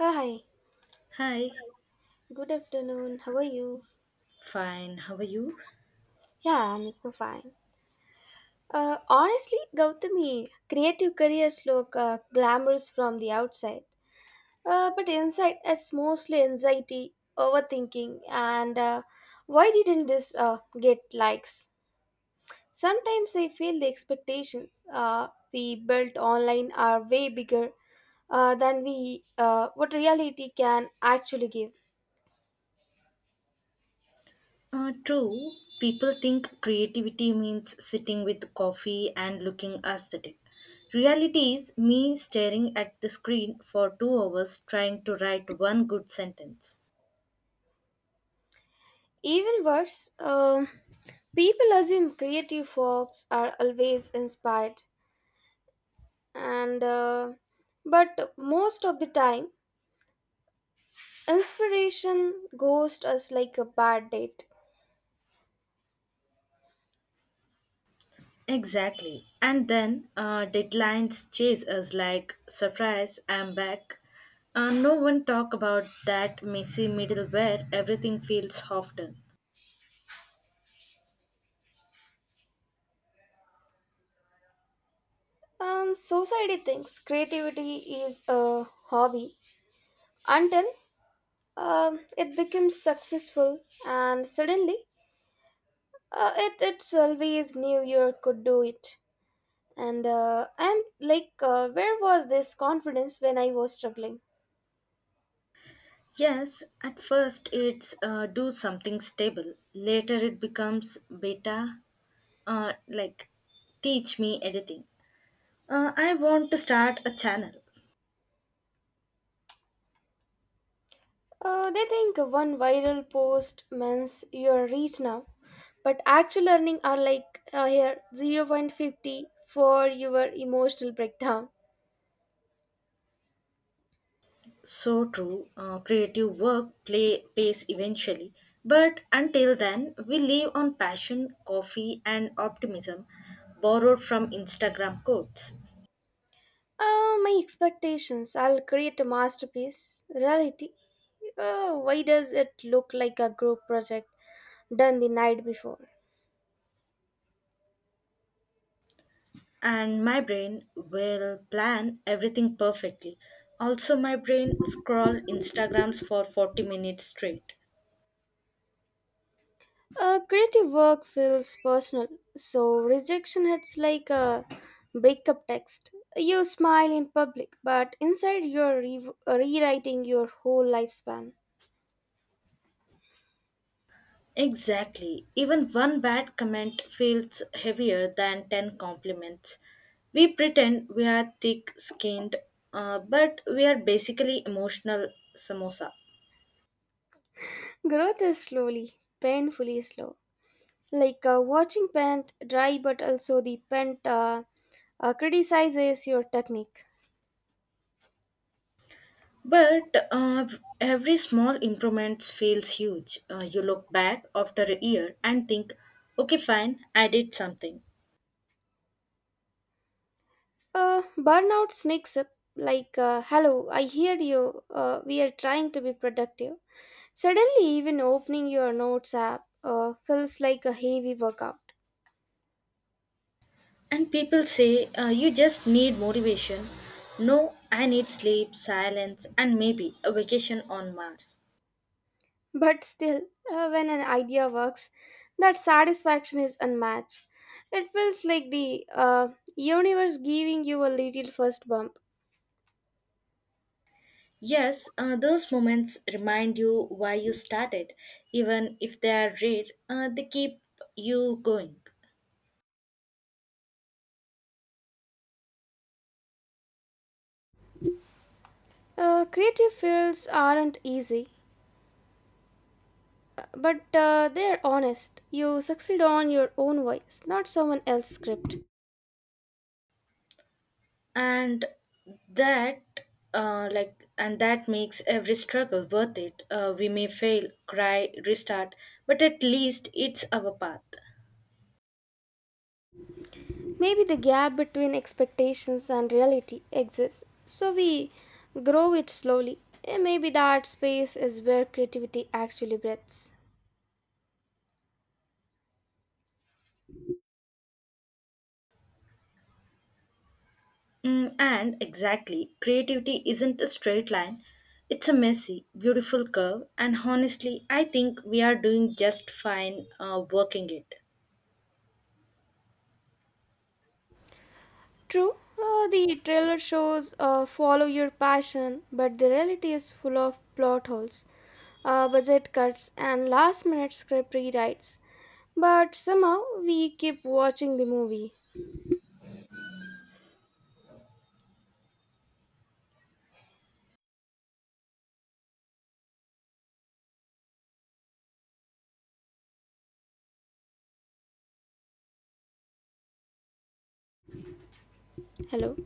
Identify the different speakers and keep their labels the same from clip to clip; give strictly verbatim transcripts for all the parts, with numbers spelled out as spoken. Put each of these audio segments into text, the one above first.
Speaker 1: Hi,
Speaker 2: Hi,
Speaker 1: good afternoon. How are you?
Speaker 2: fine. How are you?
Speaker 1: Yeah, I'm so fine. Uh, honestly, Gautami, creative careers look uh, glamorous from the outside, uh, but inside it's mostly anxiety, overthinking, and uh, why didn't this uh, get likes? Sometimes I feel the expectations uh, we built online are way bigger uh, than we uh, what reality can actually give.
Speaker 2: Uh, true. People think creativity means sitting with coffee and looking aesthetic. Reality is me staring at the screen for two hours trying to write one good sentence.
Speaker 1: Even worse, um, people assume creative folks are always inspired, and uh, but most of the time, inspiration ghosts us like a bad date.
Speaker 2: Exactly. And then uh, deadlines chase us like, surprise, I'm back. Uh, no one talk about that messy middle where everything feels half done.
Speaker 1: Um, society thinks creativity is a hobby until um, it becomes successful, and suddenly, uh, it it's always New Year could do it. And uh, I'm like, uh, where was this confidence when I was struggling?
Speaker 2: Yes, at first it's uh, do something stable. Later it becomes beta, uh, like teach me editing. Uh, I want to start a channel.
Speaker 1: Uh, they think one viral post means you're rich now, but actual earning are like uh, here zero point five zero for your emotional breakdown.
Speaker 2: So true, uh, creative work play pays eventually. But until then, we live on passion, coffee, and optimism borrowed from Instagram quotes.
Speaker 1: Uh, my expectations. I'll create a masterpiece. Reality. Uh, why does it look like a group project done the night before?
Speaker 2: And my brain will plan everything perfectly. Also, my brain scroll Instagrams for forty minutes straight.
Speaker 1: Uh, creative work feels personal, so rejection hits like a breakup text. You smile in public, but inside you're re- rewriting your whole lifespan.
Speaker 2: Exactly. Even one bad comment feels heavier than ten compliments. We pretend we are thick skinned, uh, but we are basically emotional samosa.
Speaker 1: Growth is slowly, painfully slow. Like uh, watching paint dry, but also the paint uh, uh, criticizes your technique.
Speaker 2: But uh, every small improvement feels huge. Uh, you look back after a year and think, okay, fine, I did something.
Speaker 1: Uh, burnout sneaks up like, uh, hello, I hear you. Uh, we are trying to be productive. Suddenly, even opening your notes app uh, feels like a heavy workout.
Speaker 2: And people say, uh, you just need motivation. No, I need sleep, silence, and maybe a vacation on Mars.
Speaker 1: But still, uh, when an idea works, that satisfaction is unmatched. It feels like the uh, universe giving you a little first bump.
Speaker 2: Yes, uh, those moments remind you why you started. Even if they are rare, uh, they keep you going.
Speaker 1: Uh, creative fields aren't easy, but uh, they're honest. You succeed on your own voice, not someone else's script.
Speaker 2: And that, uh, like, and that makes every struggle worth it. Uh, we may fail, cry, restart, but at least it's our path.
Speaker 1: Maybe the gap between expectations and reality exists, so we grow it slowly. Eh, Maybe the art space is where creativity actually breathes.
Speaker 2: Mm, and exactly, creativity isn't a straight line. It's a messy, beautiful curve, and honestly, I think we are doing just fine uh, working it.
Speaker 1: True, uh, the trailer shows uh, follow your passion, but the reality is full of plot holes, uh, budget cuts, and last minute script rewrites. But somehow we keep watching the movie. Hello.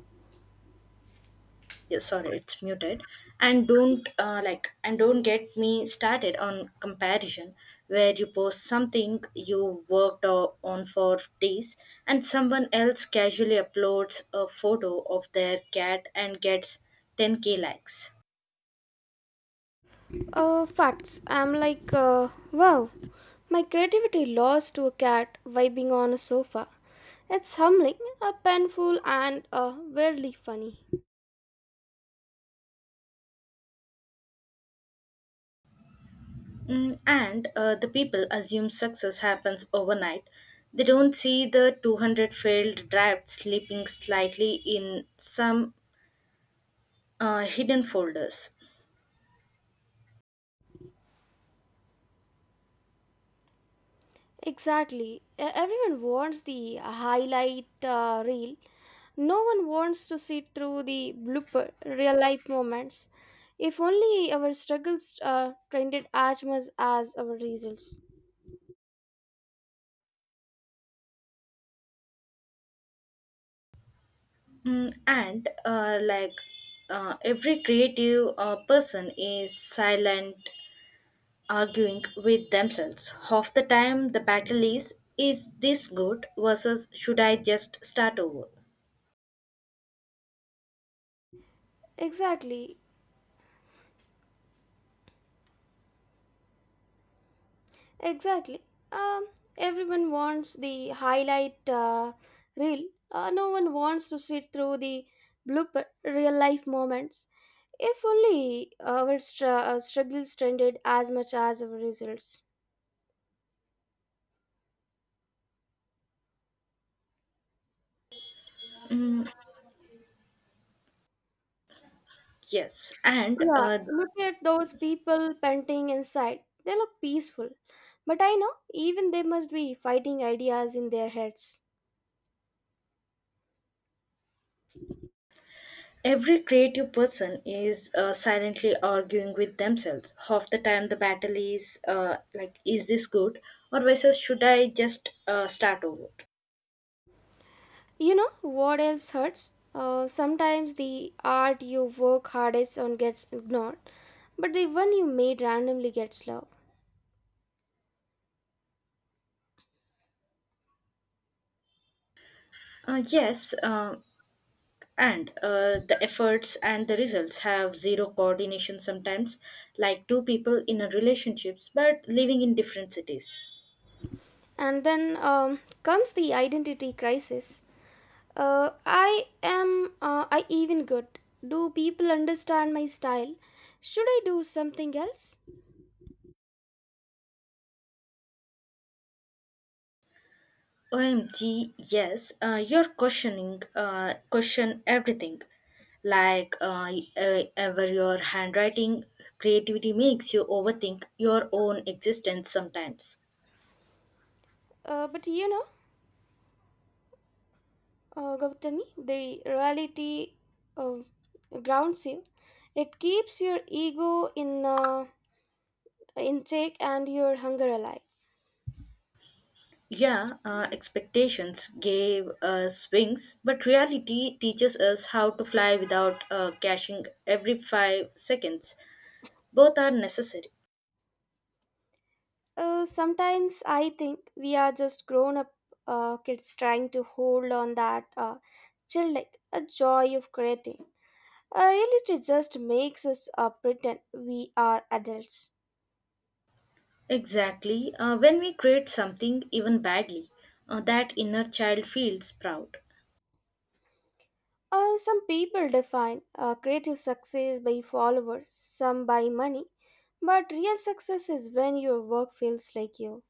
Speaker 2: Yeah, sorry, it's muted. And don't uh, like, and don't get me started on comparison, where you post something you worked o- on for days, and someone else casually uploads a photo of their cat and gets ten k likes.
Speaker 1: Uh, facts. I'm like, uh, wow, my creativity lost to a cat vibing on a sofa. It's humbling, uh, painful, and uh, weirdly funny.
Speaker 2: Mm, and uh, The people assume success happens overnight. They don't see the two hundred failed drafts sleeping slightly in some uh, hidden folders.
Speaker 1: Exactly. E- Everyone wants the highlight uh, reel. No one wants to sit through the blooper real life moments. If only our struggles uh, trended as much as our results.
Speaker 2: Mm, and uh, like uh, Every creative uh, person is silent, arguing with themselves. Half the time, the battle is is this good versus should I just start over?
Speaker 1: Exactly. Exactly. Um, Everyone wants the highlight uh, reel. Uh, no one wants to sit through the blooper real life moments. If only our str- uh, struggles trended as much as our results.
Speaker 2: Yes, and
Speaker 1: Yeah,
Speaker 2: uh,
Speaker 1: look at those people painting inside. They look peaceful. But I know even they must be fighting ideas in their heads.
Speaker 2: Every creative person is uh, silently arguing with themselves. Half the time, the battle is uh, like, is this good? Or versus, should I just uh, start over?
Speaker 1: You know what else hurts? Uh, sometimes the art you work hardest on gets ignored, but the one you made randomly gets loved.
Speaker 2: Uh, yes, uh, and uh, The efforts and the results have zero coordination sometimes, like two people in a relationships but living in different cities.
Speaker 1: And then um, comes the identity crisis. Uh, I am, uh, I even good? Do people understand my style? Should I do something else?
Speaker 2: O M G, yes, uh, you're questioning, uh, question everything. Like uh, uh, ever your handwriting, creativity makes you overthink your own existence sometimes.
Speaker 1: Uh, but you know, uh, Gautami, the reality uh, grounds you. It keeps your ego in uh, in check and your hunger alive.
Speaker 2: Yeah, uh, expectations gave us wings, but reality teaches us how to fly without uh, caching every five seconds. Both are necessary.
Speaker 1: Uh, sometimes I think we are just grown up uh, kids trying to hold on that uh, chill like a joy of creating. Uh, reality just makes us uh, pretend we are adults.
Speaker 2: Exactly. Uh, when we create something, even badly, uh, that inner child feels proud.
Speaker 1: Uh, some people define uh, creative success by followers, some by money, but real success is when your work feels like you.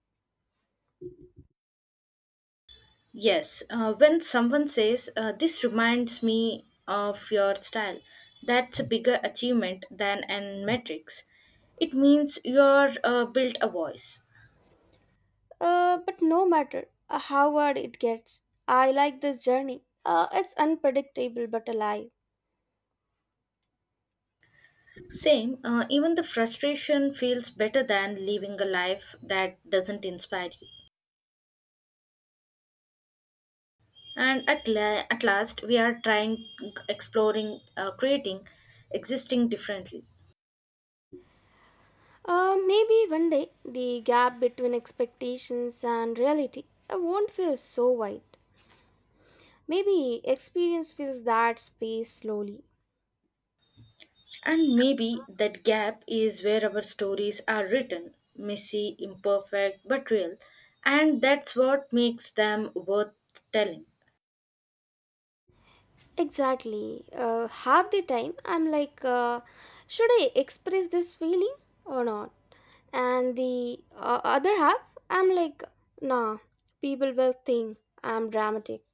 Speaker 2: Yes, uh, when someone says, uh, this reminds me of your style, that's a bigger achievement than an metrics. It means you're uh, built a voice.
Speaker 1: Uh, but no matter uh, how hard it gets, I like this journey. Uh, it's unpredictable but alive.
Speaker 2: Same, uh, even the frustration feels better than living a life that doesn't inspire you. And at, la- at last, we are trying, exploring, uh, creating, existing differently.
Speaker 1: Uh, maybe one day the gap between expectations and reality uh, won't feel so wide. Maybe experience fills that space slowly.
Speaker 2: And maybe that gap is where our stories are written messy, imperfect, but real. And that's what makes them worth telling.
Speaker 1: Exactly. Uh, half the time I'm like, uh, should I express this feeling or not? And the uh, other half, I'm like, nah, people will think I'm dramatic.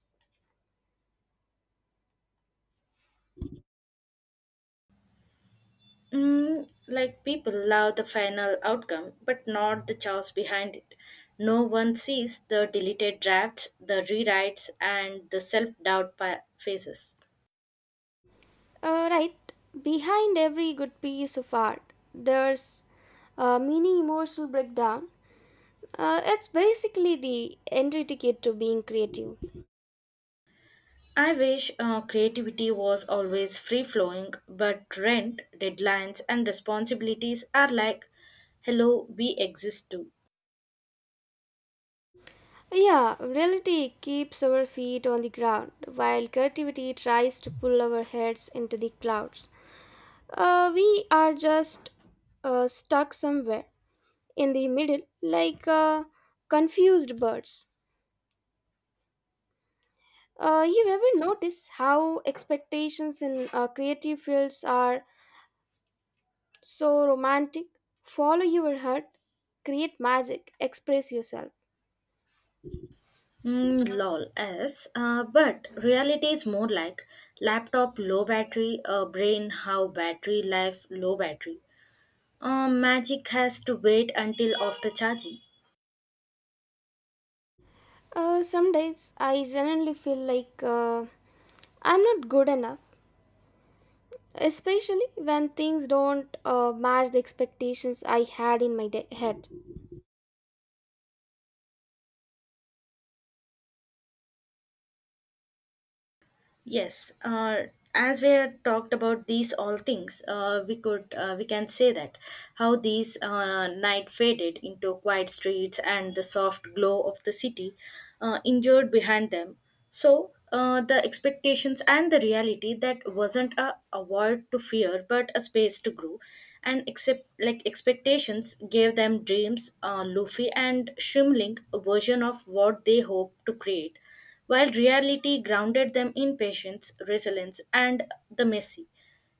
Speaker 2: Mm, like people love the final outcome, but not the chaos behind it. No one sees the deleted drafts, the rewrites, and the self doubt phases.
Speaker 1: Uh, right. Behind every good piece of art, there's a mini emotional breakdown. Uh, it's basically the entry ticket to being creative.
Speaker 2: I wish uh, creativity was always free flowing, but rent, deadlines, and responsibilities are like, hello, we exist too.
Speaker 1: Yeah, reality keeps our feet on the ground, while creativity tries to pull our heads into the clouds. Uh, we are just uh, stuck somewhere in the middle, like uh, confused birds. Uh, you ever notice how expectations in uh, creative fields are so romantic? Follow your heart, create magic, express yourself.
Speaker 2: Mm, lol, yes. Uh, but reality is more like laptop low battery, uh, brain how battery life low battery. Uh, magic has to wait until after charging.
Speaker 1: Uh, some days I generally feel like uh, I'm not good enough, especially when things don't uh, match the expectations I had in my de- head.
Speaker 2: Yes, uh, as we had talked about these all things, uh, we could uh, we can say that how these uh, night faded into quiet streets and the soft glow of the city, uh, endured behind them. So uh, the expectations and the reality that wasn't a, a void to fear, but a space to grow, and except like expectations gave them dreams, uh, Luffy and Shrimling, a version of what they hoped to create while reality grounded them in patience, resilience, and the messy,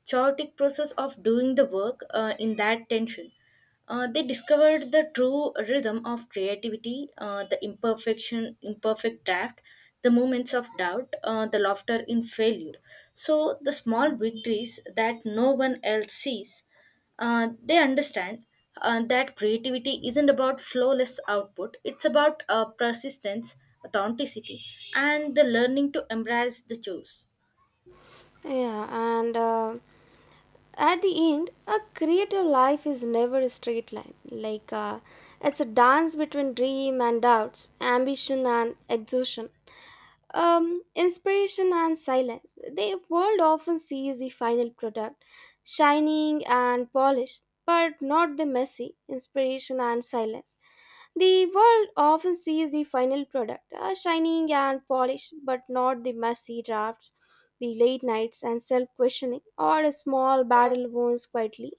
Speaker 2: chaotic process of doing the work uh, in that tension. Uh, they discovered the true rhythm of creativity, uh, the imperfection, imperfect draft, the moments of doubt, uh, the laughter in failure. So the small victories that no one else sees, uh, they understand uh, that creativity isn't about flawless output. It's about uh, persistence, authenticity, and the learning to embrace the choice.
Speaker 1: Yeah, and uh, at the end, a creative life is never a straight line. Like uh, it's a dance between dream and doubts, ambition and exhaustion. Um, inspiration and silence. The world often sees the final product, shining and polished, but not the messy inspiration and silence. The world often sees the final product, uh, shining and polished, but not the messy drafts, the late nights and self questioning, or a small battle wounds quietly,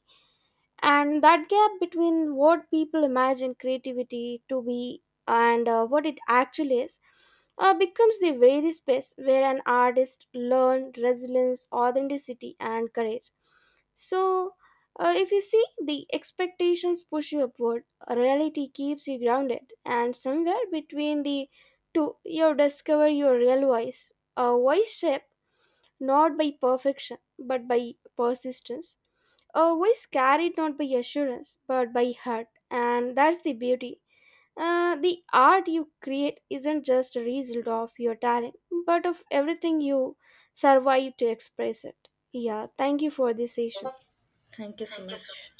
Speaker 1: and that gap between what people imagine creativity to be and uh, what it actually is uh, becomes the very space where an artist learns resilience, authenticity, and courage. So uh, if you see, the expectations push you upward, reality keeps you grounded, and somewhere between the two you discover your real voice, a voice shaped not by perfection but by persistence, uh, we is carried not by assurance but by heart, and that's the beauty. Uh, the art you create isn't just a result of your talent, but of everything you survive to express it. Yeah, thank you for this session.
Speaker 2: Thank you so much.